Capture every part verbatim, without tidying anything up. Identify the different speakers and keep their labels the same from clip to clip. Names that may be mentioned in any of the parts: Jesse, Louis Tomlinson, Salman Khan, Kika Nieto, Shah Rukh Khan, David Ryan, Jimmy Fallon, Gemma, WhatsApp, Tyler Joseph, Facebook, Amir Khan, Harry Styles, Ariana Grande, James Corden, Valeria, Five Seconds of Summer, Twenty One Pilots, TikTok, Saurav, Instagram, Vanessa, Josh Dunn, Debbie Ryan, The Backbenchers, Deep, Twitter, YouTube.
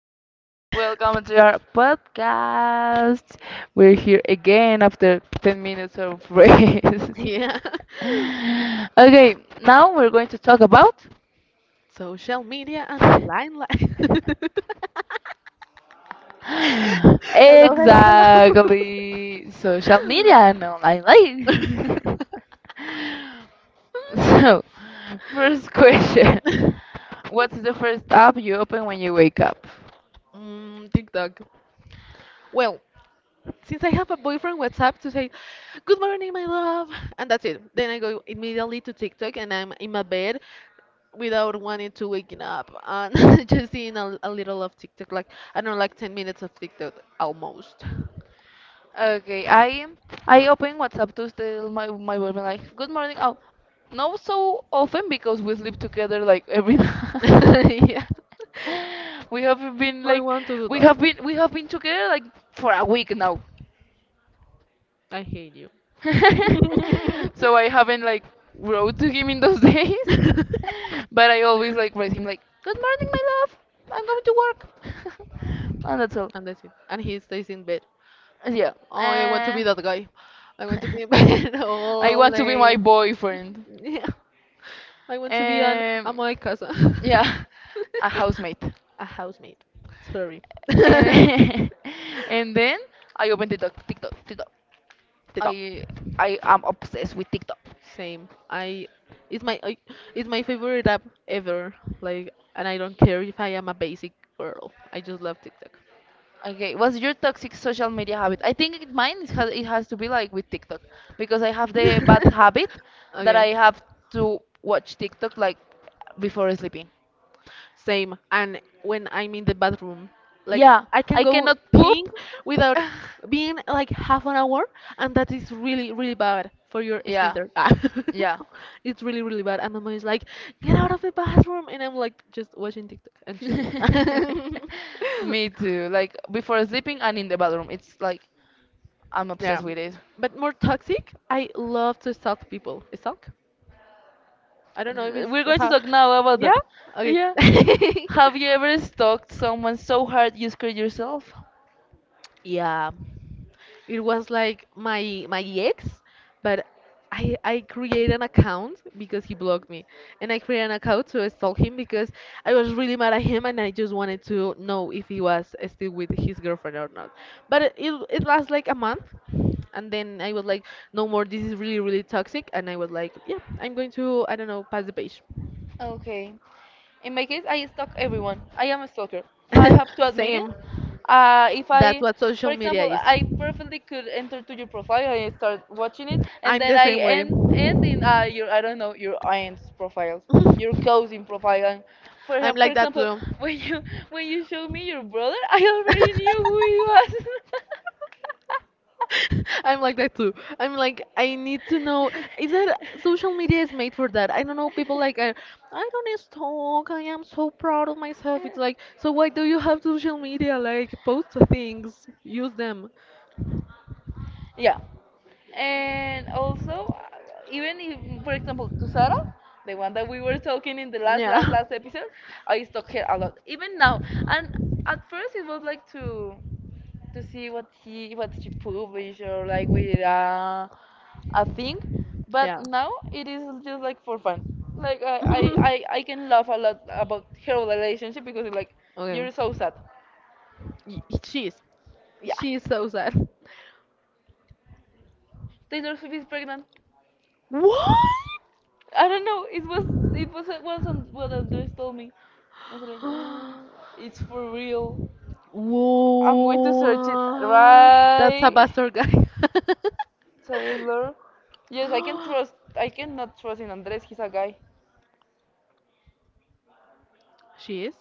Speaker 1: welcome to our podcast. We're here again after ten minutes of rest.
Speaker 2: Yeah.
Speaker 1: okay, now we're going to talk about.
Speaker 2: Social media and online life. Hello, hello,
Speaker 1: Exactly, social media and online
Speaker 2: hello.
Speaker 1: life. so, first question. What's the first app you open when you wake up?
Speaker 2: Mm, TikTok. Well, since I have a boyfriend WhatsApp to say, good morning, my love. And that's it. Then I go immediately to TikTok and I'm in my bed without wanting to waking up and just seeing a, a little of TikTok. Like, I don't know, like ten minutes of TikTok almost.
Speaker 1: Okay, I I open WhatsApp to tell my my boyfriend like good morning. Oh, not so often because we sleep together like every night.
Speaker 2: Yeah.
Speaker 1: We have been
Speaker 2: I
Speaker 1: like
Speaker 2: want to do
Speaker 1: we
Speaker 2: that.
Speaker 1: have been we have been together like for a week now.
Speaker 2: I hate you.
Speaker 1: So I haven't like wrote to him in those days. But I always like write him like good morning my love. I'm going to work. And that's all.
Speaker 2: And that's it. And he stays in bed.
Speaker 1: Yeah.
Speaker 2: Oh, I want to
Speaker 1: Uh,
Speaker 2: be that guy. I want to be in bed
Speaker 1: I
Speaker 2: all
Speaker 1: want to be my
Speaker 2: day.
Speaker 1: boyfriend.
Speaker 2: Yeah. I want to be an
Speaker 1: Um,
Speaker 2: ama de casa.
Speaker 1: yeah, a housemate.
Speaker 2: A housemaid. Sorry. The
Speaker 1: And, and then I opened TikTok, TikTok, TikTok.
Speaker 2: dog.
Speaker 1: I I am obsessed with TikTok.
Speaker 2: Same. I it's my I, it's my favorite app ever. Like, and I don't care if I am a basic girl. I just love TikTok.
Speaker 1: Okay, what's your toxic social media habit? I think it, mine is, ha- it has to be like with TikTok because I have the bad habit that I
Speaker 2: Okay.
Speaker 1: have to watch TikTok like before sleeping.
Speaker 2: Same. And when I'm in the bathroom, like
Speaker 1: Yeah,
Speaker 2: I can
Speaker 1: I
Speaker 2: go
Speaker 1: cannot
Speaker 2: peeing
Speaker 1: poop.
Speaker 2: without being like half an hour, and that is really, really bad for your
Speaker 1: Yeah,
Speaker 2: sphincter. Ah.
Speaker 1: yeah.
Speaker 2: It's really, really bad. And my mom is like, "Get out of the bathroom," and I'm like just watching TikTok and chilling.
Speaker 1: Me too. Like before sleeping and in the bathroom. It's like I'm
Speaker 2: Yeah,
Speaker 1: obsessed with it.
Speaker 2: but more toxic. I love to stalk people. Stalk? I don't know if
Speaker 1: L-
Speaker 2: it's
Speaker 1: We're going to
Speaker 2: how.
Speaker 1: talk now about
Speaker 2: Yeah.
Speaker 1: that.
Speaker 2: Okay.
Speaker 1: Yeah. Have you ever stalked someone so hard you scared yourself?
Speaker 2: Yeah. It was like my my ex, but I I created an account because he blocked me, and I created an account to stalk him because I was really mad at him and I just wanted to know if he was still with his girlfriend or not. But it it it lasts like a month, and then I was like, no more. This is really really toxic, and I was like, yeah, I'm going to I don't know pass the page.
Speaker 1: Okay. In my case, I stalk everyone. I am a stalker. I have to admit it.
Speaker 2: Same.
Speaker 1: Uh, if
Speaker 2: That's
Speaker 1: I,
Speaker 2: what
Speaker 1: For
Speaker 2: social media
Speaker 1: example,
Speaker 2: is.
Speaker 1: I perfectly could enter to your profile and start watching it, and
Speaker 2: I'm
Speaker 1: then
Speaker 2: the
Speaker 1: I
Speaker 2: same way.
Speaker 1: end end in uh, your I don't know your aunt's profiles, your cousin profile. And for
Speaker 2: I'm
Speaker 1: exa- for
Speaker 2: like that
Speaker 1: example,
Speaker 2: too.
Speaker 1: when you when you show me your brother, I already knew who
Speaker 2: I'm like that too. I'm like, I need to know.
Speaker 1: he
Speaker 2: Is that
Speaker 1: was.
Speaker 2: social media is made for that? I don't know. People like, uh, I don't need to talk. I am so proud of myself. It's like, so why do you have social media? Like, post things, use them.
Speaker 1: Yeah. And also, uh, even if, for example, to Sarah, the one that we were talking in the last,
Speaker 2: Yeah.
Speaker 1: last, last episode, I used to talk her a lot. Even now. And at first, it was like to to see what he what she published or like with uh, a thing. But
Speaker 2: Yeah.
Speaker 1: now it is just like for fun. Like I, I, I, I can laugh a lot about her relationship because it's like
Speaker 2: Okay.
Speaker 1: you're so sad.
Speaker 2: Y- she is.
Speaker 1: Yeah.
Speaker 2: She is so sad.
Speaker 1: Taylor Swift is pregnant.
Speaker 2: What?
Speaker 1: I don't know. It was it was it wasn't what Andres told me. I was like, "Uh, it's for real. I'm going to search it
Speaker 2: Whoa, that's a
Speaker 1: right.
Speaker 2: bastard guy.
Speaker 1: Taylor. Yes, I can trust. I cannot trust in Andres. He's a guy.
Speaker 2: She is?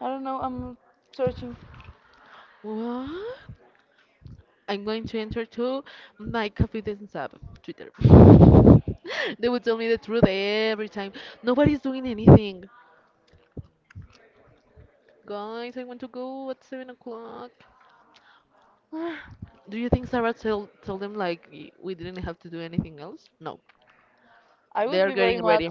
Speaker 1: I don't know. I'm searching.
Speaker 2: What? I'm going to enter to my confidence app, Twitter. They would tell me the truth every time. Nobody's doing anything. Guys, I want to go at seven o'clock. Do you think Sarah tell, told them like y- we didn't have to do anything else? No.
Speaker 1: I would
Speaker 2: They're
Speaker 1: be very
Speaker 2: getting
Speaker 1: mad.
Speaker 2: ready.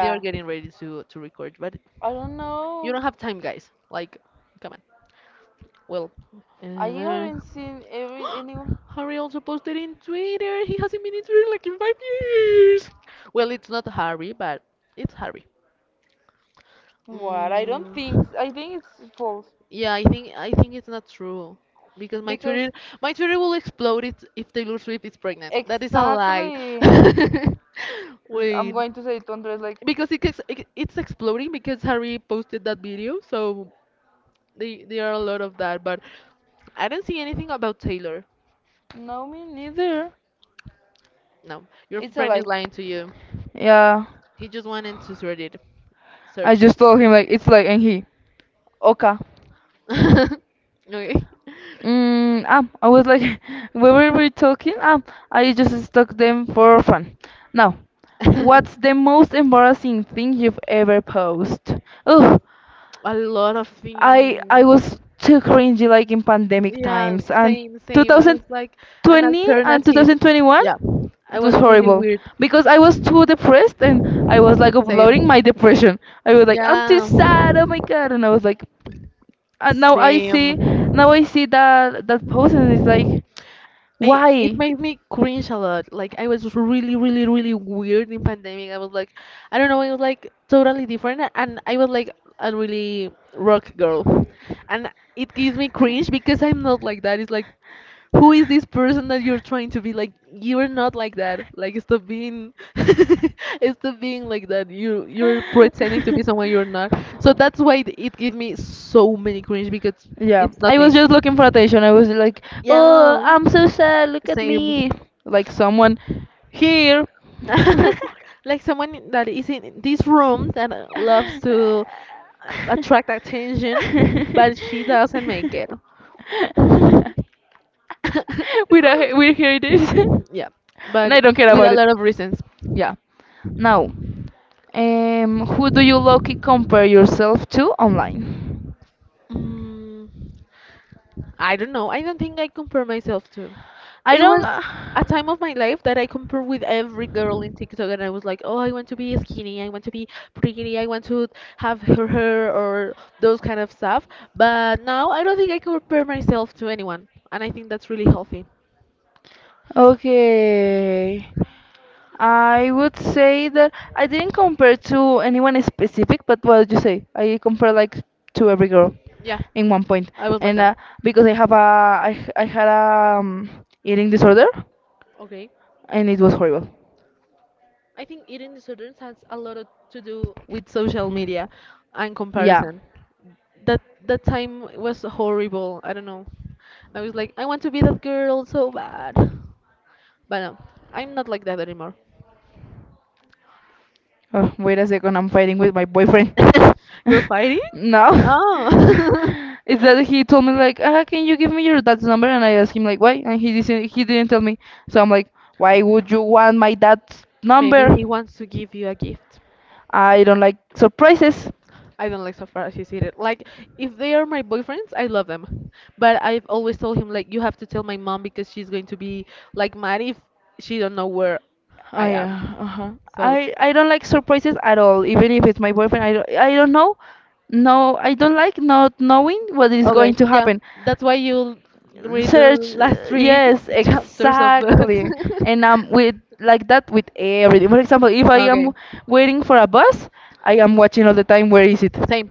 Speaker 2: They are getting ready to to record, but
Speaker 1: I don't
Speaker 2: you
Speaker 1: know.
Speaker 2: don't have time, guys. Like, come on. Well,
Speaker 1: I
Speaker 2: uh,
Speaker 1: haven't seen every anyone.
Speaker 2: Harry also posted in Twitter. He hasn't been in Twitter like in five years. Well, it's not Harry, but it's Harry.
Speaker 1: What? I don't
Speaker 2: Mm,
Speaker 1: think. S- I think it's false
Speaker 2: yeah, I think I think it's not true because my Twitter
Speaker 1: because
Speaker 2: my Twitter will explode it if Taylor Swift is pregnant. That is a lie.
Speaker 1: exactly. L- I'm
Speaker 2: Wait,
Speaker 1: going to say to Andres like,
Speaker 2: because it, gets- it it's exploding because Harry posted that video, so they, there are a lot of that, but I don't see anything about Taylor.
Speaker 1: no, me neither.
Speaker 2: No, your
Speaker 1: It's a
Speaker 2: friend is
Speaker 1: lie.
Speaker 2: lying to you.
Speaker 1: Yeah.
Speaker 2: He just wanted to sort it,
Speaker 1: I
Speaker 2: search
Speaker 1: just told him like it's like and he. Okay.
Speaker 2: it. Okay.
Speaker 1: Mm, ah, I was like, where were we talking? Ah, I just stuck them for fun. Now, what's the most embarrassing thing you've ever posed? Ugh,
Speaker 2: A lot of
Speaker 1: I I
Speaker 2: things.
Speaker 1: was too cringy like in pandemic
Speaker 2: Yeah,
Speaker 1: times and
Speaker 2: same, same. I was like an
Speaker 1: two thousand twenty and
Speaker 2: alternative.
Speaker 1: twenty twenty-one.
Speaker 2: Yeah, I
Speaker 1: It
Speaker 2: was
Speaker 1: was
Speaker 2: really
Speaker 1: horrible
Speaker 2: weird.
Speaker 1: because I was too depressed and I was like
Speaker 2: Same.
Speaker 1: uploading my depression. I was like, I'm too
Speaker 2: Yeah,
Speaker 1: sad. Oh my god! And I was like, and now I
Speaker 2: same.
Speaker 1: see, now I see that that post and it's like,
Speaker 2: I, it
Speaker 1: why?
Speaker 2: made me cringe a lot. Like I was really, really, really weird in pandemic. I was like, I don't know, I was like totally different, and I was like a really rock girl, and it gives me cringe because I'm not like that. It's like, who is this person that you're trying to be? Like you're not like that. Like stop being, stop being like that. You you're pretending to be someone you're not. So that's why it, it gives me so many cringe because
Speaker 1: Yeah,
Speaker 2: it's not
Speaker 1: I
Speaker 2: me.
Speaker 1: was just looking for attention. I was like,
Speaker 2: Yeah,
Speaker 1: "Oh, I'm so sad. Look at
Speaker 2: same.
Speaker 1: me." Like someone here.
Speaker 2: Like someone that is in this room that uh, loves to uh, attract attention, but she doesn't make it.
Speaker 1: we don't, we hear this,
Speaker 2: Yeah,
Speaker 1: and I
Speaker 2: but
Speaker 1: don't care
Speaker 2: with a
Speaker 1: about it.
Speaker 2: lot of reasons.
Speaker 1: Yeah. Now, um, who do you lucky compare yourself to online?
Speaker 2: Mm. I don't know. I don't think I compare myself to.
Speaker 1: I
Speaker 2: It
Speaker 1: don't.
Speaker 2: was
Speaker 1: Uh,
Speaker 2: a time of my life that I compare with every girl in TikTok, and I was like, oh, I want to be skinny, I want to be pretty, I want to have her hair or those kind of stuff. But now I don't think I compare myself to anyone, and I think that's really healthy.
Speaker 1: okay. I would say that I didn't compare to anyone specific, but what did you say? I compare like to every girl
Speaker 2: Yeah,
Speaker 1: in one point,
Speaker 2: I was like
Speaker 1: and
Speaker 2: that.
Speaker 1: uh, because I have a I, h- I had a um, eating disorder,
Speaker 2: Okay.
Speaker 1: and it was horrible.
Speaker 2: I think eating disorders has a lot of, to do with social media and
Speaker 1: Yeah.
Speaker 2: comparison. That that time was horrible. I don't know. I was like, I want to be that girl so bad. But no, I'm not like that anymore.
Speaker 1: Oh, wait a second, I'm fighting with my boyfriend.
Speaker 2: You're fighting?
Speaker 1: No.
Speaker 2: Oh.
Speaker 1: It's that he told me like, ah, can you give me your dad's number? And I asked him like, why? And he didn't he didn't tell me. So I'm like, why would you want my dad's
Speaker 2: Maybe
Speaker 1: number?
Speaker 2: he wants to give you a gift.
Speaker 1: I don't like surprises.
Speaker 2: I don't like so far as she's it. Like if they are my boyfriends, I love them. But I've always told him like you have to tell my mom because she's going to be like mad if she don't know where I
Speaker 1: I
Speaker 2: am.
Speaker 1: uh, uh-huh.
Speaker 2: So
Speaker 1: I I don't like surprises at all. Even if it's my boyfriend, I don't, I don't know. No, I don't like not knowing what is
Speaker 2: okay,
Speaker 1: going to
Speaker 2: yeah.
Speaker 1: happen.
Speaker 2: That's why you read the
Speaker 1: Search,
Speaker 2: last
Speaker 1: uh,
Speaker 2: three
Speaker 1: yes,
Speaker 2: chapters of books.
Speaker 1: exactly. And I'm with like that with everything. For example, if I
Speaker 2: Okay.
Speaker 1: am waiting for a bus, I am watching all the time. Where is it?
Speaker 2: Same.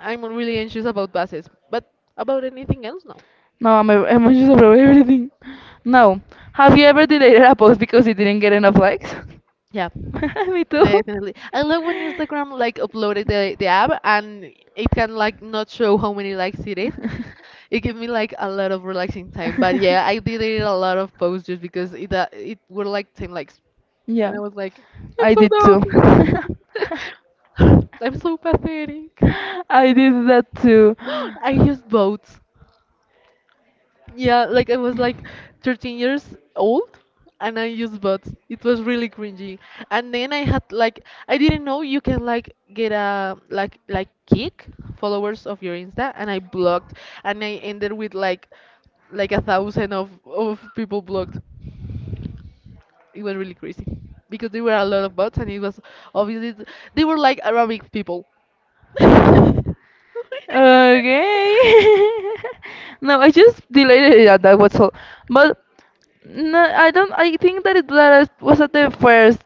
Speaker 2: I'm really anxious about buses. But about anything else, no.
Speaker 1: No, I'm, a- I'm anxious about everything. No. Have you ever deleted a post because it didn't get enough likes?
Speaker 2: Yeah,
Speaker 1: Me too.
Speaker 2: definitely. I love when Instagram like uploaded the, the app and it can like not show how many likes it is. It gave me like a lot of relaxing time. But yeah, I deleted a lot of posts just because it uh, it were like ten likes. And
Speaker 1: Yeah,
Speaker 2: I was like, I'm
Speaker 1: I
Speaker 2: so
Speaker 1: did too.
Speaker 2: dumb. I'm so pathetic.
Speaker 1: I did that too.
Speaker 2: I used both. Yeah, like I was like thirteen years old and I used bots. It was really cringy. And then I had like I didn't know you can like get a like like kick followers of your Insta and I blocked and I ended with like like a thousand of of people blocked. It was really crazy because there were a lot of bots and it was obviously th- they were like Arabic people.
Speaker 1: Okay. No, I just deleted it. Yeah, that was all. But no, I don't. I think that it that I was at the first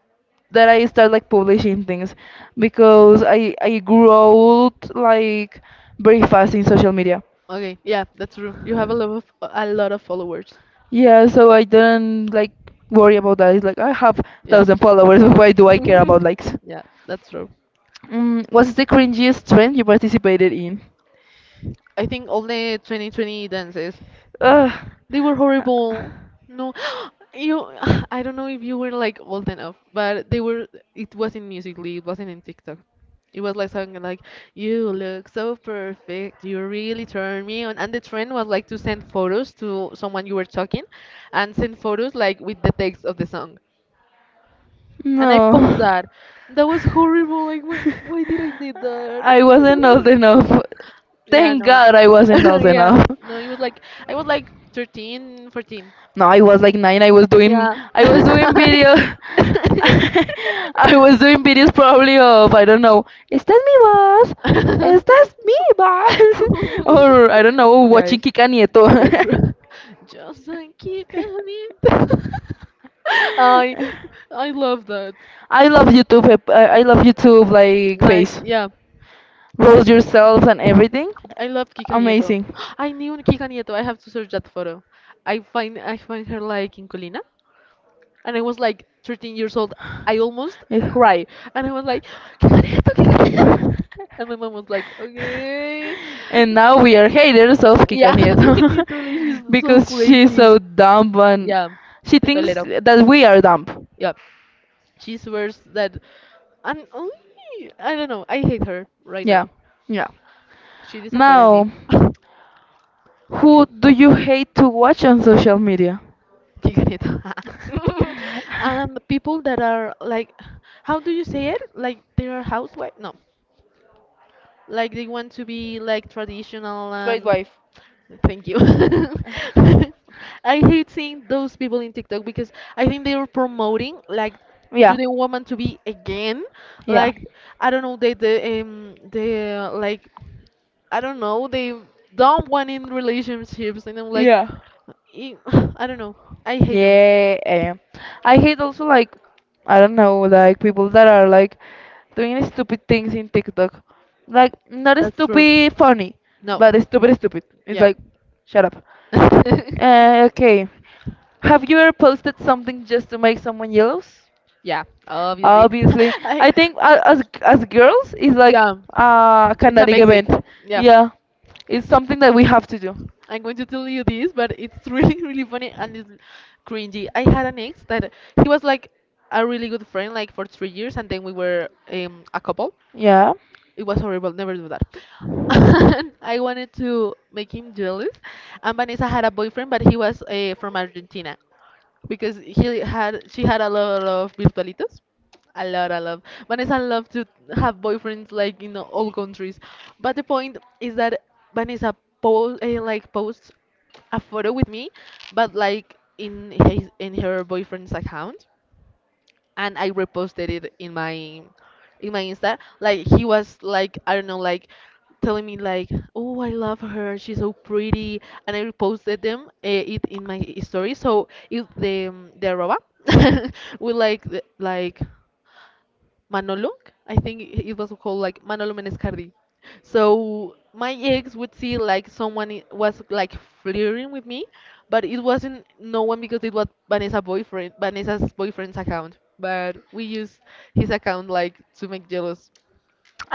Speaker 1: that I started like publishing things because I I grew old like very fast in social media.
Speaker 2: Okay, yeah, that's true. You have a lot of a lot of followers.
Speaker 1: Yeah, so I don't like worry about that. It's like I have
Speaker 2: Yeah.
Speaker 1: thousand followers. Why do I care about likes?
Speaker 2: Yeah, that's true.
Speaker 1: Mm, what's the cringiest trend you participated in?
Speaker 2: I think only twenty twenty dances.
Speaker 1: Ugh.
Speaker 2: They were horrible. No, you. I don't know if you were like old enough, but they were. It wasn't musically. It wasn't in TikTok. It was like something like "You look so perfect. You really turn me on." And the trend was like to send photos to someone you were talking, and send photos like with the text of the song. And I post
Speaker 1: No.
Speaker 2: that. That was horrible. Like, why, why did I did that?
Speaker 1: I wasn't old enough.
Speaker 2: Yeah,
Speaker 1: Thank
Speaker 2: no.
Speaker 1: God I wasn't old
Speaker 2: Yeah,
Speaker 1: enough.
Speaker 2: no, it was like I was like thirteen, fourteen.
Speaker 1: No, I was like nine. I was doing
Speaker 2: Yeah.
Speaker 1: I was doing video. I was doing videos probably of I don't know. Is that me, boss? Is that me, boss? or I don't know.
Speaker 2: Yeah,
Speaker 1: Watching Kika Nieto.
Speaker 2: that's right. Just like kick on it. I I love that.
Speaker 1: I love YouTube. eh, I I love YouTube like
Speaker 2: Like,
Speaker 1: face.
Speaker 2: yeah,
Speaker 1: Roast yourself and everything.
Speaker 2: I love Kika Nieto.
Speaker 1: Amazing.
Speaker 2: I knew Kika Nieto. I have to search that photo. I find I find her like in Colina. And I was like thirteen years old. I almost
Speaker 1: Yeah.
Speaker 2: cried, and I was like, "¿Qué careta, qué careta?" And my mom was like, "Okay."
Speaker 1: And now we are haters of Kika
Speaker 2: Yeah,
Speaker 1: Nieto
Speaker 2: literally, she's so
Speaker 1: because she's so
Speaker 2: crazy.
Speaker 1: dumb and
Speaker 2: Yeah,
Speaker 1: she
Speaker 2: te
Speaker 1: thinks
Speaker 2: tolero.
Speaker 1: that we are dumb.
Speaker 2: Yeah, she swears that, and only I don't know. I hate her right
Speaker 1: Yeah,
Speaker 2: now.
Speaker 1: yeah.
Speaker 2: She disappointed me.
Speaker 1: Now,
Speaker 2: Qué
Speaker 1: who do you hate to watch on social media?
Speaker 2: And people that are like, how do you say it? Like they are housewife? No, like they want to be like traditional
Speaker 1: Straight
Speaker 2: and
Speaker 1: wife.
Speaker 2: thank you. I hate seeing those people in TikTok because I think they are promoting like
Speaker 1: Yeah,
Speaker 2: to the woman to be again
Speaker 1: yeah,
Speaker 2: like I don't know they the um they uh, like I don't know they don't want in relationships and I'm like
Speaker 1: Yeah.
Speaker 2: e- I am like I do not know I hate them.
Speaker 1: yeah. eh. I hate also like I don't know like people that are like doing stupid things in TikTok, like not
Speaker 2: That's true.
Speaker 1: stupid funny,
Speaker 2: No.
Speaker 1: but stupid stupid. It's
Speaker 2: Yep.
Speaker 1: like shut up. Uh, okay. Have you ever posted something just to make someone jealous?
Speaker 2: Yeah. Obviously.
Speaker 1: Obviously,
Speaker 2: I
Speaker 1: I think uh, as as girls, it's like
Speaker 2: yeah.
Speaker 1: a
Speaker 2: It's a
Speaker 1: kinetic
Speaker 2: basic.
Speaker 1: event.
Speaker 2: Yeah.
Speaker 1: Yeah, it's something that we have to do.
Speaker 2: I'm going to tell you this, but it's really, really funny and it's cringy. I had an ex that he was like a really good friend, like for three years, and then we were um, a couple.
Speaker 1: Yeah,
Speaker 2: It was horrible. Never do that. And I wanted to make him jealous. And Vanessa had a boyfriend, but he was uh, from Argentina because he had she had a lot of virtualitos. A lot, a lot. Vanessa loved to have boyfriends like in all countries, but the point is that Vanessa post uh, like posts a photo with me, but like in his in her boyfriend's account and I reposted it in my in my Insta. Like he was like I don't know like telling me like oh I love her she's so pretty and I reposted them uh, it in my story so if the um, the arroba will like the- like Manolong. I think it was called like Manolo Menescardi. So my ex would see like someone i- was like flirting with me, but it wasn't no one because it was Vanessa boyfriend, Vanessa's boyfriend's account. But we used his account like to make jealous.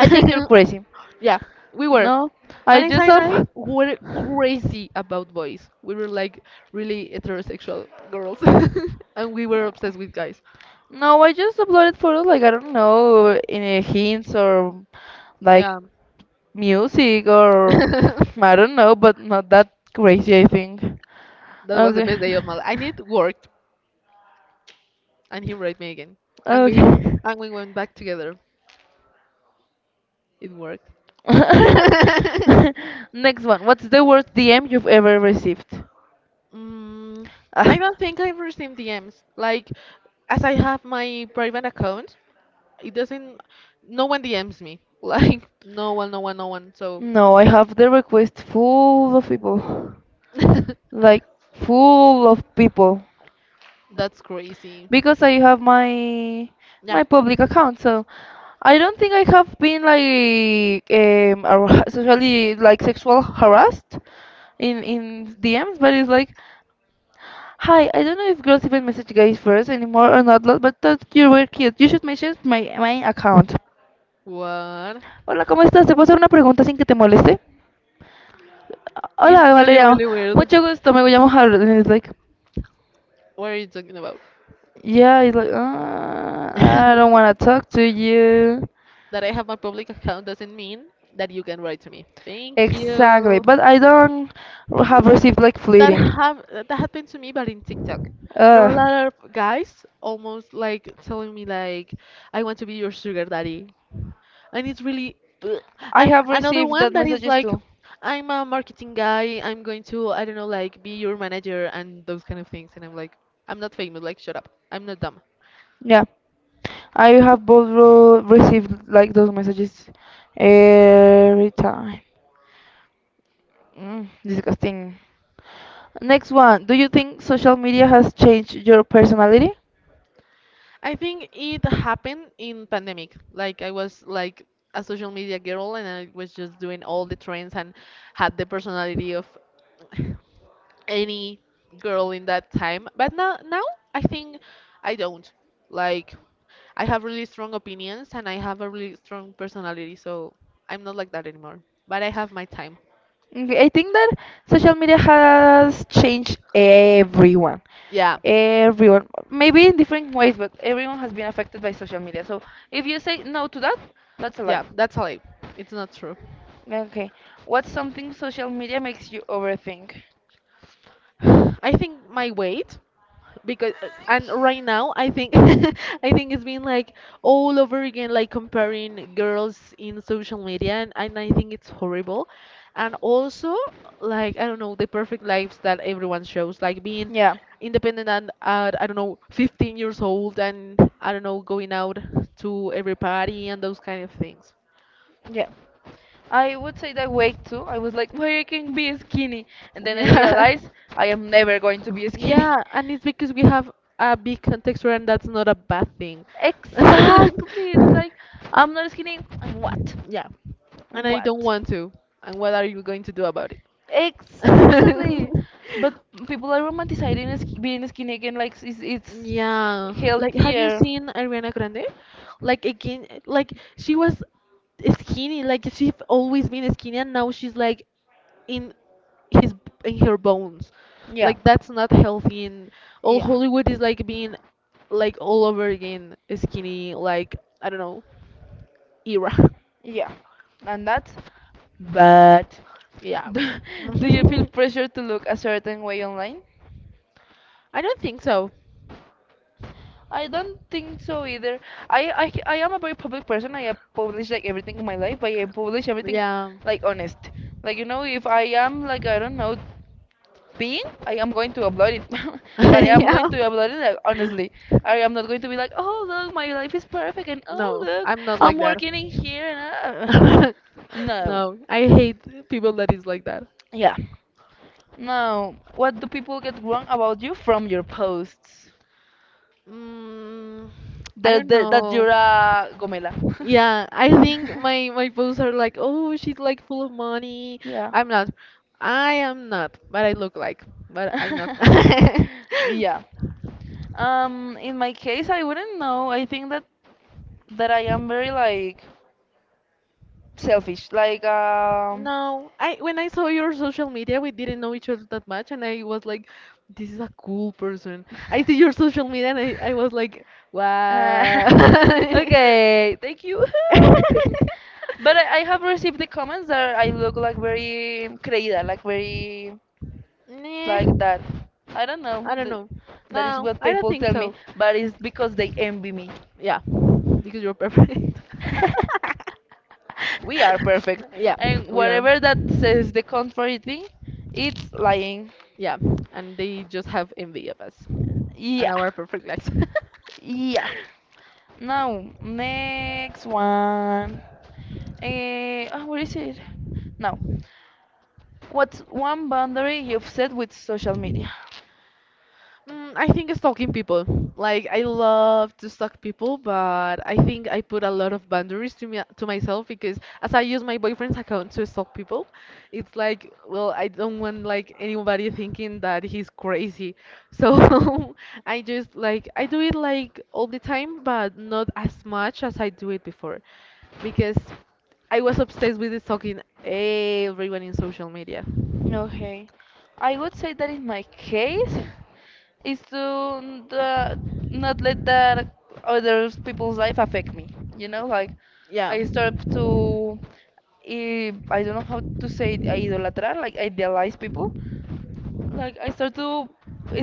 Speaker 1: think you're crazy.
Speaker 2: Yeah, we were.
Speaker 1: No, I
Speaker 2: Vanessa
Speaker 1: just
Speaker 2: and I
Speaker 1: up.
Speaker 2: were crazy about boys. We were like really heterosexual girls, and we were obsessed with guys.
Speaker 1: No, I just uploaded photos like I don't know in a hints or like
Speaker 2: Yeah.
Speaker 1: music or I don't know, but not that crazy. I think.
Speaker 2: That was the
Speaker 1: Okay.
Speaker 2: best day of my life. And it worked. And he wrote me again. And we
Speaker 1: Okay.
Speaker 2: and we went back together. It worked.
Speaker 1: Next one. What's the worst D M you've ever received?
Speaker 2: Mm,
Speaker 1: Ah,
Speaker 2: I don't think I've received D Ms. Like, as I have my private account, it doesn't. No one D Ms me. Like, no one, no one, no one. So,
Speaker 1: no, I have the request full of people. Like full of people.
Speaker 2: that's crazy.
Speaker 1: Because I have my
Speaker 2: Yeah.
Speaker 1: my public account, so I don't think I have been like um ar- socially like sexual harassed in in D Ms, but it's like, hi, I don't know if girls even message guys first anymore or not, lo- but thought you were cute. You should message my my account.
Speaker 2: What?
Speaker 1: Hola, ¿cómo estás? ¿Te puedo hacer una pregunta sin que te moleste?
Speaker 2: It's
Speaker 1: Hola,
Speaker 2: really,
Speaker 1: Valeria.
Speaker 2: really weird.
Speaker 1: Mucho gusto. Me llamo Harold. And it's like,
Speaker 2: What are you talking about?
Speaker 1: yeah, it's like, uh, I don't want to talk to you.
Speaker 2: That I have my public account doesn't mean that you can write to me. Thank
Speaker 1: Exactly.
Speaker 2: you.
Speaker 1: But I don't have
Speaker 2: Mhm.
Speaker 1: received like
Speaker 2: That
Speaker 1: fleeting.
Speaker 2: have that happened to me, but in TikTok. There are a
Speaker 1: Uh,
Speaker 2: lot of guys almost like telling me like, I want to be your sugar daddy, and it's really. Ugh.
Speaker 1: I
Speaker 2: And
Speaker 1: have
Speaker 2: another
Speaker 1: received
Speaker 2: one
Speaker 1: that
Speaker 2: that is
Speaker 1: messages
Speaker 2: like,
Speaker 1: too.
Speaker 2: I'm a marketing guy. I'm going to I don't know, like be your manager and those kind of things. And I'm like, I'm not famous. Like shut up. I'm not dumb.
Speaker 1: Yeah. I have both ro- received like those messages every time. Mm, disgusting. Next one, do you think social media has changed your personality?
Speaker 2: I think it happened in pandemic. Like I was like a social media girl and I was just doing all the trends and had the personality of any girl in that time. But now now I think I don't. Like I have really strong opinions and I have a really strong personality, so I'm not like that anymore. But I have my time.
Speaker 1: Okay, I think that social media has changed everyone.
Speaker 2: Yeah.
Speaker 1: Everyone, maybe in different ways, but everyone has been affected by social media. So if you say no to that, that's a lie.
Speaker 2: Yeah, that's all. I- It's not true.
Speaker 1: Okay. What's something social media makes you overthink?
Speaker 2: I think my weight because uh, and right now I think I think it's been like all over again like comparing girls in social media and, and I think it's horrible, and also like I don't know, the perfect lives that everyone shows like being
Speaker 1: Yeah,
Speaker 2: independent and at I don't know fifteen years old and I don't know going out to every party and those kind of things.
Speaker 1: yeah. I would say that weight too. I was like, why I can be skinny, and then I
Speaker 2: Yeah.
Speaker 1: realized I am never going to be skinny.
Speaker 2: Yeah, and it's because we have a big context and that's not a bad thing.
Speaker 1: Exactly. It's like I'm not skinny. And what?
Speaker 2: Yeah. And I don't
Speaker 1: What?
Speaker 2: want to. And what are you going to do about it?
Speaker 1: Exactly. But people are romanticizing sk- being skinny again, like it's, it's
Speaker 2: Yeah, like have you
Speaker 1: healthier.
Speaker 2: seen Ariana Grande? Like again, like she was skinny, like she's always been skinny, and now she's like in his in her bones.
Speaker 1: Yeah.
Speaker 2: Like that's not healthy, and all
Speaker 1: Yeah.
Speaker 2: Hollywood is like being like all over again skinny. Like I don't know, era.
Speaker 1: Yeah, and that's bad.
Speaker 2: Yeah,
Speaker 1: Do do you feel pressure to look a certain way online?
Speaker 2: I don't think so.
Speaker 1: I don't think so either. I, I, I am a very public person. I have published like everything in my life, but I publish everything
Speaker 2: Yeah,
Speaker 1: like honest. Like you know, if I am like I don't know being I am going to upload it. But I am going
Speaker 2: yeah.
Speaker 1: to upload it like, honestly. I am not going to be like, oh look, my life is perfect, and oh
Speaker 2: No,
Speaker 1: look,
Speaker 2: I'm not
Speaker 1: I'm
Speaker 2: like that.
Speaker 1: working in here, and uh, no,
Speaker 2: No, I hate people that is like that.
Speaker 1: yeah. Now, what do people get wrong about you from your posts?
Speaker 2: Mm, I
Speaker 1: That
Speaker 2: don't
Speaker 1: that, that
Speaker 2: know.
Speaker 1: you're a gomela.
Speaker 2: Yeah, I think my my posts are like, oh, she's like full of money.
Speaker 1: Yeah.
Speaker 2: I'm not. I am not, but I look like, but I'm not.
Speaker 1: yeah. Um, in my case, I wouldn't know. I think that that I am very like selfish. Like um,
Speaker 2: No, I when I saw your social media, we didn't know each other that much, and I was like, this is a cool person. I see your social media, and I, I was like,
Speaker 1: Uh,
Speaker 2: wow.
Speaker 1: okay, thank you. But I, I have received the comments that I look like very creída, like very
Speaker 2: Nah,
Speaker 1: like that. I don't know.
Speaker 2: I don't
Speaker 1: Th-
Speaker 2: know.
Speaker 1: that is
Speaker 2: No,
Speaker 1: what
Speaker 2: I don't
Speaker 1: people
Speaker 2: think
Speaker 1: tell me,
Speaker 2: so.
Speaker 1: but it's because they envy me.
Speaker 2: Yeah, because you're perfect.
Speaker 1: We are perfect.
Speaker 2: Yeah,
Speaker 1: And
Speaker 2: we are.
Speaker 1: whatever that says the contrary thing, it's lying.
Speaker 2: Yeah, and they just have envy of us and
Speaker 1: Yeah.
Speaker 2: our perfect lives.
Speaker 1: Yeah. Now, next one. Eh, ah, where is it? Now, what's one boundary you've set with social media?
Speaker 2: Mm, I think stalking people. Like I love to stalk people, but I think I put a lot of boundaries to me to myself because as I use my boyfriend's account to stalk people, it's like, well, I don't want like anybody thinking that he's crazy. So I just like I do it like all the time, but not as much as I do it before because I was obsessed with stalking everyone in social media.
Speaker 1: Okay. I would say that in my case is to n- the, not let that other people's life affect me. You know, like
Speaker 2: Yeah.
Speaker 1: I start to I, I don't know how to say it, idolatrar, like idealize people. Like I start to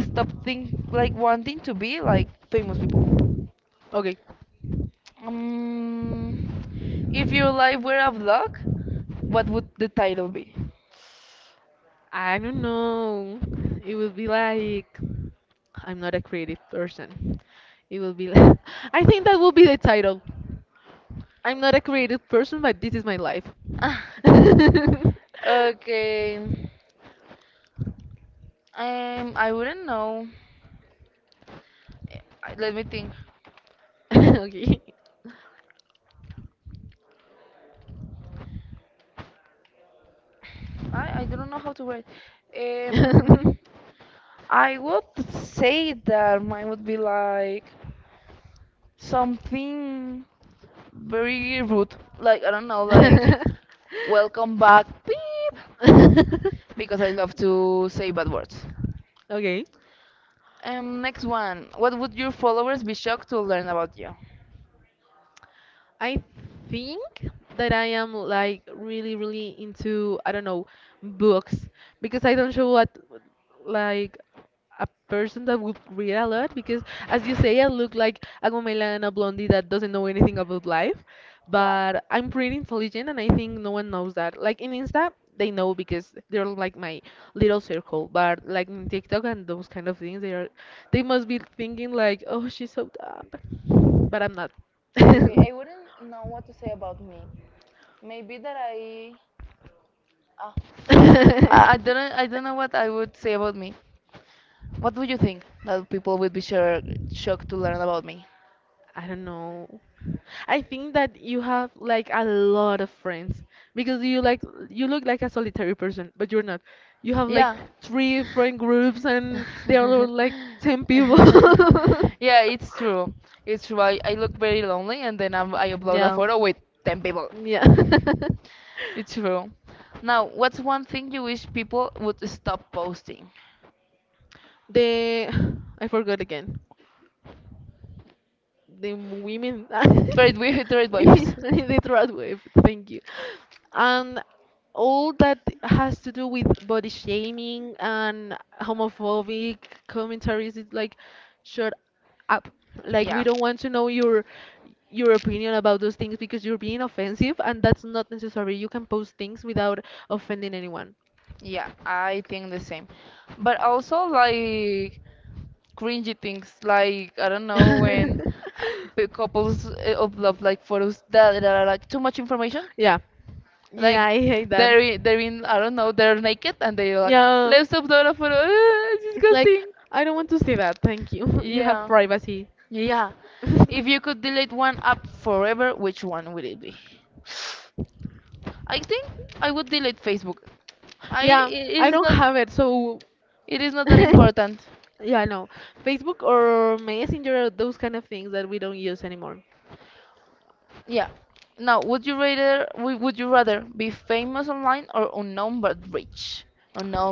Speaker 1: stop think like wanting to be like famous people.
Speaker 2: Okay.
Speaker 1: Um, if your life were a vlog, what would the title be?
Speaker 2: I don't know. It will be like I'm not a creative person. It will be like I think that will be the title. I'm not a creative person, but this is my life.
Speaker 1: Ah, okay. Um, I wouldn't know. Eh, I- Let me think.
Speaker 2: Okay.
Speaker 1: I, I don't know how to write. Um, I would say that mine would be like something very rude. Like, I don't know, like, welcome back, beep, because I love to say bad words.
Speaker 2: Okay.
Speaker 1: Um, next one. What would your followers be shocked to learn about you?
Speaker 2: I think that I am like really, really into, I don't know, books because I don't show what like a person that would read a lot because as you say, I look like a Gomela and a blondie that doesn't know anything about life, but I'm pretty intelligent and I think no one knows that. Like in Insta, they know because they're like my little circle, but like in TikTok and those kind of things, they are they must be thinking like, oh, she's so dumb, but I'm not.
Speaker 1: Okay, I wouldn't know what to say about me. Maybe that I. ah, I I don't. Know- I don't know what I would say about me. What would you think that people would be sure, shocked to learn about me?
Speaker 2: I don't know. I think that you have like a lot of friends because you like you look like a solitary person, but you're not. You have like
Speaker 1: Yeah.
Speaker 2: three friend groups and they are all like ten people.
Speaker 1: yeah, it's true. It's true. I, I look very lonely, and then I'm, I upload a
Speaker 2: Yeah.
Speaker 1: photo with ten people.
Speaker 2: Yeah.
Speaker 1: It's true. Now, what's one thing you wish people would stop posting?
Speaker 2: They I forgot again the women
Speaker 1: Trade with trade wives.
Speaker 2: the third wave, thank you, and all that has to do with body shaming and homophobic commentaries is like shut up, like we
Speaker 1: Yeah.
Speaker 2: don't want to know your your opinion about those things because you're being offensive and that's not necessary, you can post things without offending anyone.
Speaker 1: Yeah, I think the same. But also like cringy things, like I don't know when uh, p- couples uh, upload like photos that, that are like too much information.
Speaker 2: Yeah.
Speaker 1: Like
Speaker 2: Yeah, I hate that.
Speaker 1: they're i- they're in I don't know they're naked and they're like
Speaker 2: Yeah.
Speaker 1: let's upload a photo. it's like
Speaker 2: It's like
Speaker 1: disgusting.
Speaker 2: I don't want to see that. Thank you. You have
Speaker 1: Yeah.
Speaker 2: privacy.
Speaker 1: Yeah. If you could delete one app forever, which one would it be? I think I would delete Facebook. I it
Speaker 2: Yeah,
Speaker 1: it
Speaker 2: I
Speaker 1: is
Speaker 2: don't
Speaker 1: not
Speaker 2: have it. So
Speaker 1: it is not that important.
Speaker 2: yeah, no. Facebook or Messenger, those kind of things that we don't use anymore.
Speaker 1: Yeah. Now, would you rather w- would you rather be famous online or unknown but rich?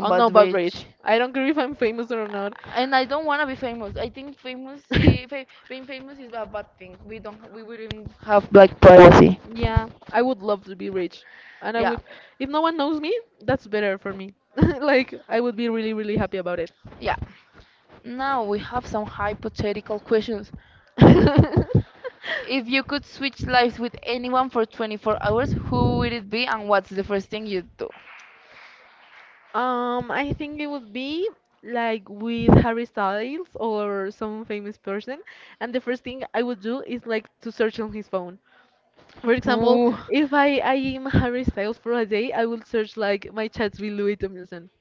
Speaker 2: I don't know
Speaker 1: but
Speaker 2: about
Speaker 1: rich.
Speaker 2: rich. I don't care if I'm famous or not.
Speaker 1: And I don't want to be famous. I think famous i- fa- being famous is a bad thing. We don't we wouldn't have like privacy.
Speaker 2: Yeah, I would love to be rich. And I
Speaker 1: Yeah.
Speaker 2: would, if no one knows me, that's better for me. Like, I would be really, really happy about it.
Speaker 1: Yeah. Now we have some hypothetical questions. If you could switch lives with anyone for twenty-four hours, who would it be and what's the first thing you'd do?
Speaker 2: Um, I think it would be like with Harry Styles or some famous person, and the first thing I would do is like to search on his phone. For example,
Speaker 1: Ooh.
Speaker 2: if I, I am Harry Styles for a day, I will search like my chats with Louis Tomlinson,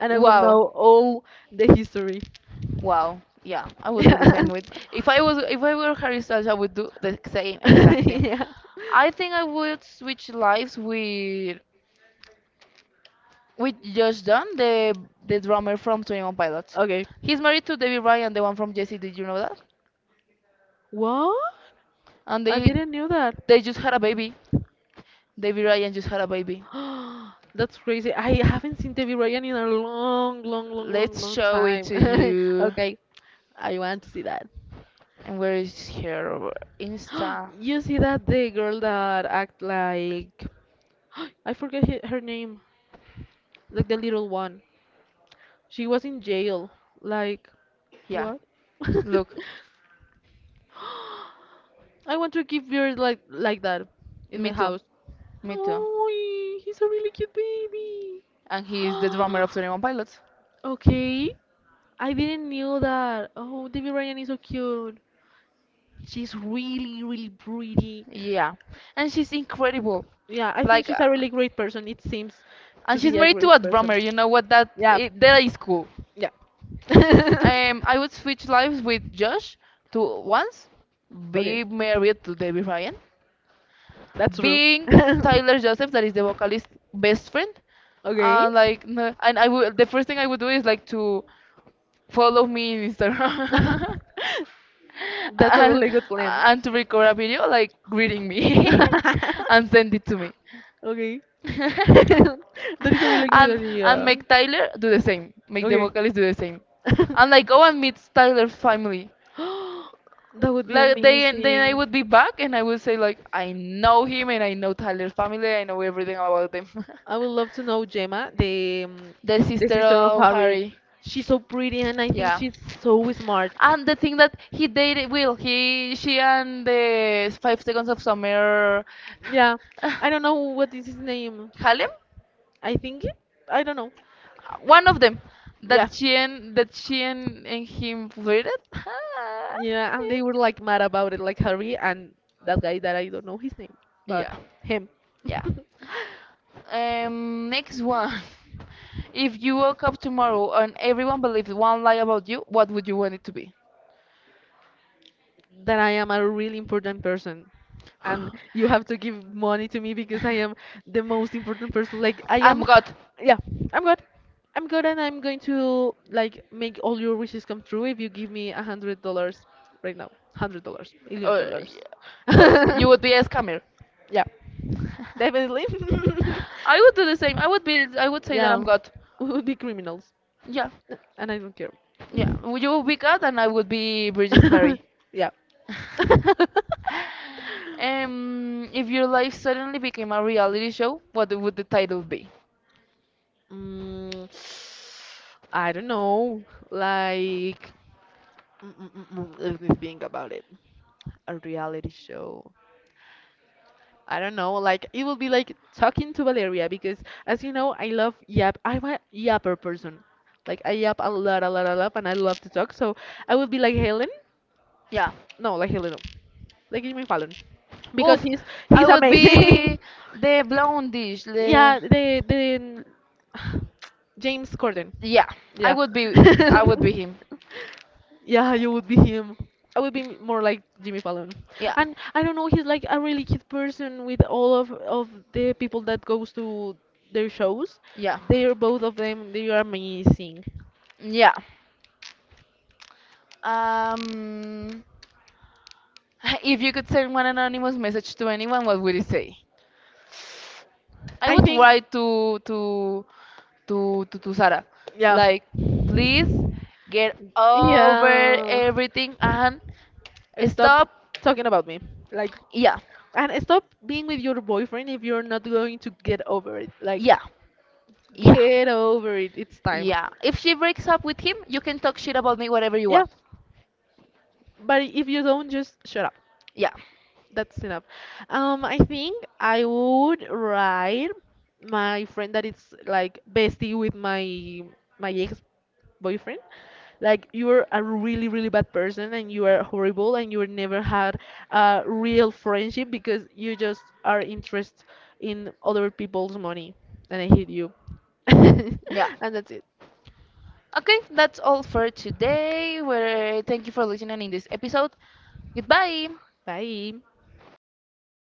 Speaker 2: and I will
Speaker 1: Wow.
Speaker 2: know all the history.
Speaker 1: Wow. Yeah, I would do the same with if I was if I were Harry Styles, I would do the same exact thing.
Speaker 2: Yeah.
Speaker 1: I think I would switch lives with with Josh Dunn, the
Speaker 2: Yeah.
Speaker 1: the drummer from Twenty One Pilots.
Speaker 2: Okay.
Speaker 1: He's married to Debbie Ryan, the one from Jesse. Did you know that?
Speaker 2: What?
Speaker 1: And
Speaker 2: I
Speaker 1: they
Speaker 2: didn't knew that.
Speaker 1: they just had a baby. David Ryan just had a baby.
Speaker 2: That's crazy. I haven't seen Debbie Ryan in a long, long, long, long,
Speaker 1: Let's
Speaker 2: long
Speaker 1: show it
Speaker 2: time.
Speaker 1: to you.
Speaker 2: Okay, I want to see that.
Speaker 1: And where is her Insta?
Speaker 2: You see that the girl that act like I forget he- her name, like the little one. She was in jail. Like
Speaker 1: Yeah,
Speaker 2: what?
Speaker 1: look,
Speaker 2: I want to keep yours like like that in
Speaker 1: me
Speaker 2: my
Speaker 1: too,
Speaker 2: house.
Speaker 1: me too.
Speaker 2: Oh, he's a really cute baby.
Speaker 1: And he is the drummer of twenty-one Pilots.
Speaker 2: Okay, I didn't knew that. Oh, Debbie Ryan is so cute. She's really, really pretty.
Speaker 1: Yeah, and she's incredible.
Speaker 2: Yeah, I think
Speaker 1: Like,
Speaker 2: she's
Speaker 1: uh,
Speaker 2: a really great person. It seems
Speaker 1: and
Speaker 2: to
Speaker 1: she's
Speaker 2: be a
Speaker 1: married to
Speaker 2: great
Speaker 1: a drummer.
Speaker 2: person.
Speaker 1: You know what? That
Speaker 2: Yeah,
Speaker 1: it, that is cool.
Speaker 2: yeah.
Speaker 1: Um, I would switch lives with Josh to once be
Speaker 2: Okay,
Speaker 1: married to David Ryan
Speaker 2: that's true.
Speaker 1: being Tyler Joseph, that is the vocalist best friend,
Speaker 2: Okay.
Speaker 1: and like, no- and I would the first thing I would do is like to follow me in Instagram
Speaker 2: That's a
Speaker 1: and
Speaker 2: really good plan.
Speaker 1: and to record a video like greeting me and send it to me.
Speaker 2: Okay. That is a really good
Speaker 1: and and
Speaker 2: idea.
Speaker 1: make Tyler do the same. Make the
Speaker 2: Okay.
Speaker 1: vocalist do the same. And like go and meet Tyler's family.
Speaker 2: That would be
Speaker 1: Like they then I
Speaker 2: amazing.
Speaker 1: would be back and I would say like I know him and I know Tyler's family. I know everything about them.
Speaker 2: I would love to know Gemma, the um,
Speaker 1: the
Speaker 2: the
Speaker 1: sister
Speaker 2: sister of
Speaker 1: of
Speaker 2: Harry.
Speaker 1: Harry.
Speaker 2: She's so pretty, and I think
Speaker 1: Yeah,
Speaker 2: she's so smart.
Speaker 1: and the thing that he dated Will, he, she, and the Five Seconds of Summer,
Speaker 2: Yeah, I don't know what is his name.
Speaker 1: Halem,
Speaker 2: I think it. I don't know.
Speaker 1: one of them
Speaker 2: Yeah,
Speaker 1: that she and that she and, and him flirted.
Speaker 2: yeah, and they were like mad about it, like Harry and that guy that I don't know his name, but
Speaker 1: Yeah,
Speaker 2: him.
Speaker 1: yeah. Um, next one. If you woke up tomorrow and everyone believed one lie about you, what would you want it to be?
Speaker 2: That I am a really important person and you have to give money to me because I am the most important person. Like I
Speaker 1: I'm
Speaker 2: am
Speaker 1: God.
Speaker 2: yeah, I'm good. I'm good and I'm going to like make all your wishes come true if you give me a hundred dollars right now. Hundred dollars, million
Speaker 1: Uh,
Speaker 2: dollars.
Speaker 1: uh, you would be a scammer.
Speaker 2: Yeah.
Speaker 1: I
Speaker 2: Definitely.
Speaker 1: would do the same. I would be. I would say that I'm
Speaker 2: Yeah.
Speaker 1: God.
Speaker 2: We would be criminals.
Speaker 1: Yeah,
Speaker 2: And I don't care.
Speaker 1: yeah. Would You would be God, and I would be Virgin Mary.
Speaker 2: Yeah.
Speaker 1: um, if your life suddenly became a reality show, what would the title be?
Speaker 2: Mm, I don't know. Like, mm, mm, mm, mm, let me think about it. A reality show. I don't know. Like, it will be like talking to Valeria because, as you know, I love yap. I'm a yapper person. Like, I yap a lot, a lot, a lot, and I love to talk. So I will be like Helen.
Speaker 1: Yeah.
Speaker 2: No, like a like Jimmy Fallon. Because
Speaker 1: Oof.
Speaker 2: he's
Speaker 1: I
Speaker 2: he's
Speaker 1: would
Speaker 2: amazing.
Speaker 1: be the blondish. The
Speaker 2: Yeah, the the James Corden.
Speaker 1: Yeah, I
Speaker 2: Yeah.
Speaker 1: would be I would be him.
Speaker 2: Yeah, you would be him. I would be m- more like Jimmy Fallon.
Speaker 1: Yeah.
Speaker 2: And I don't know, he's like a really cute person with all of of the people that goes to their shows.
Speaker 1: Yeah.
Speaker 2: They're both of them, they are amazing.
Speaker 1: Yeah. Um if you could send one anonymous message to anyone, what would it say? I
Speaker 2: I
Speaker 1: would
Speaker 2: think
Speaker 1: write to to to to, to Sarah.
Speaker 2: yeah.
Speaker 1: Like, please get over
Speaker 2: Yeah.
Speaker 1: everything and
Speaker 2: Stop
Speaker 1: stop.
Speaker 2: talking about me. Like,
Speaker 1: Yeah.
Speaker 2: and stop being with your boyfriend if you're not going to get over it. Like,
Speaker 1: Yeah. Yeah.
Speaker 2: get over it. It's time.
Speaker 1: Yeah. If she breaks up with him, you can talk shit about me whatever you
Speaker 2: Yeah.
Speaker 1: want.
Speaker 2: But if you don't, just shut up.
Speaker 1: Yeah.
Speaker 2: That's enough. Um, I think I would write my friend that is like bestie with my my ex boyfriend. Like you're a really really bad person and you are horrible and you never had a real friendship because you just are interested in other people's money and I hate you.
Speaker 1: Yeah.
Speaker 2: And that's it.
Speaker 1: Okay, that's all for today. We're thank you for listening in this episode. Goodbye.
Speaker 2: Bye.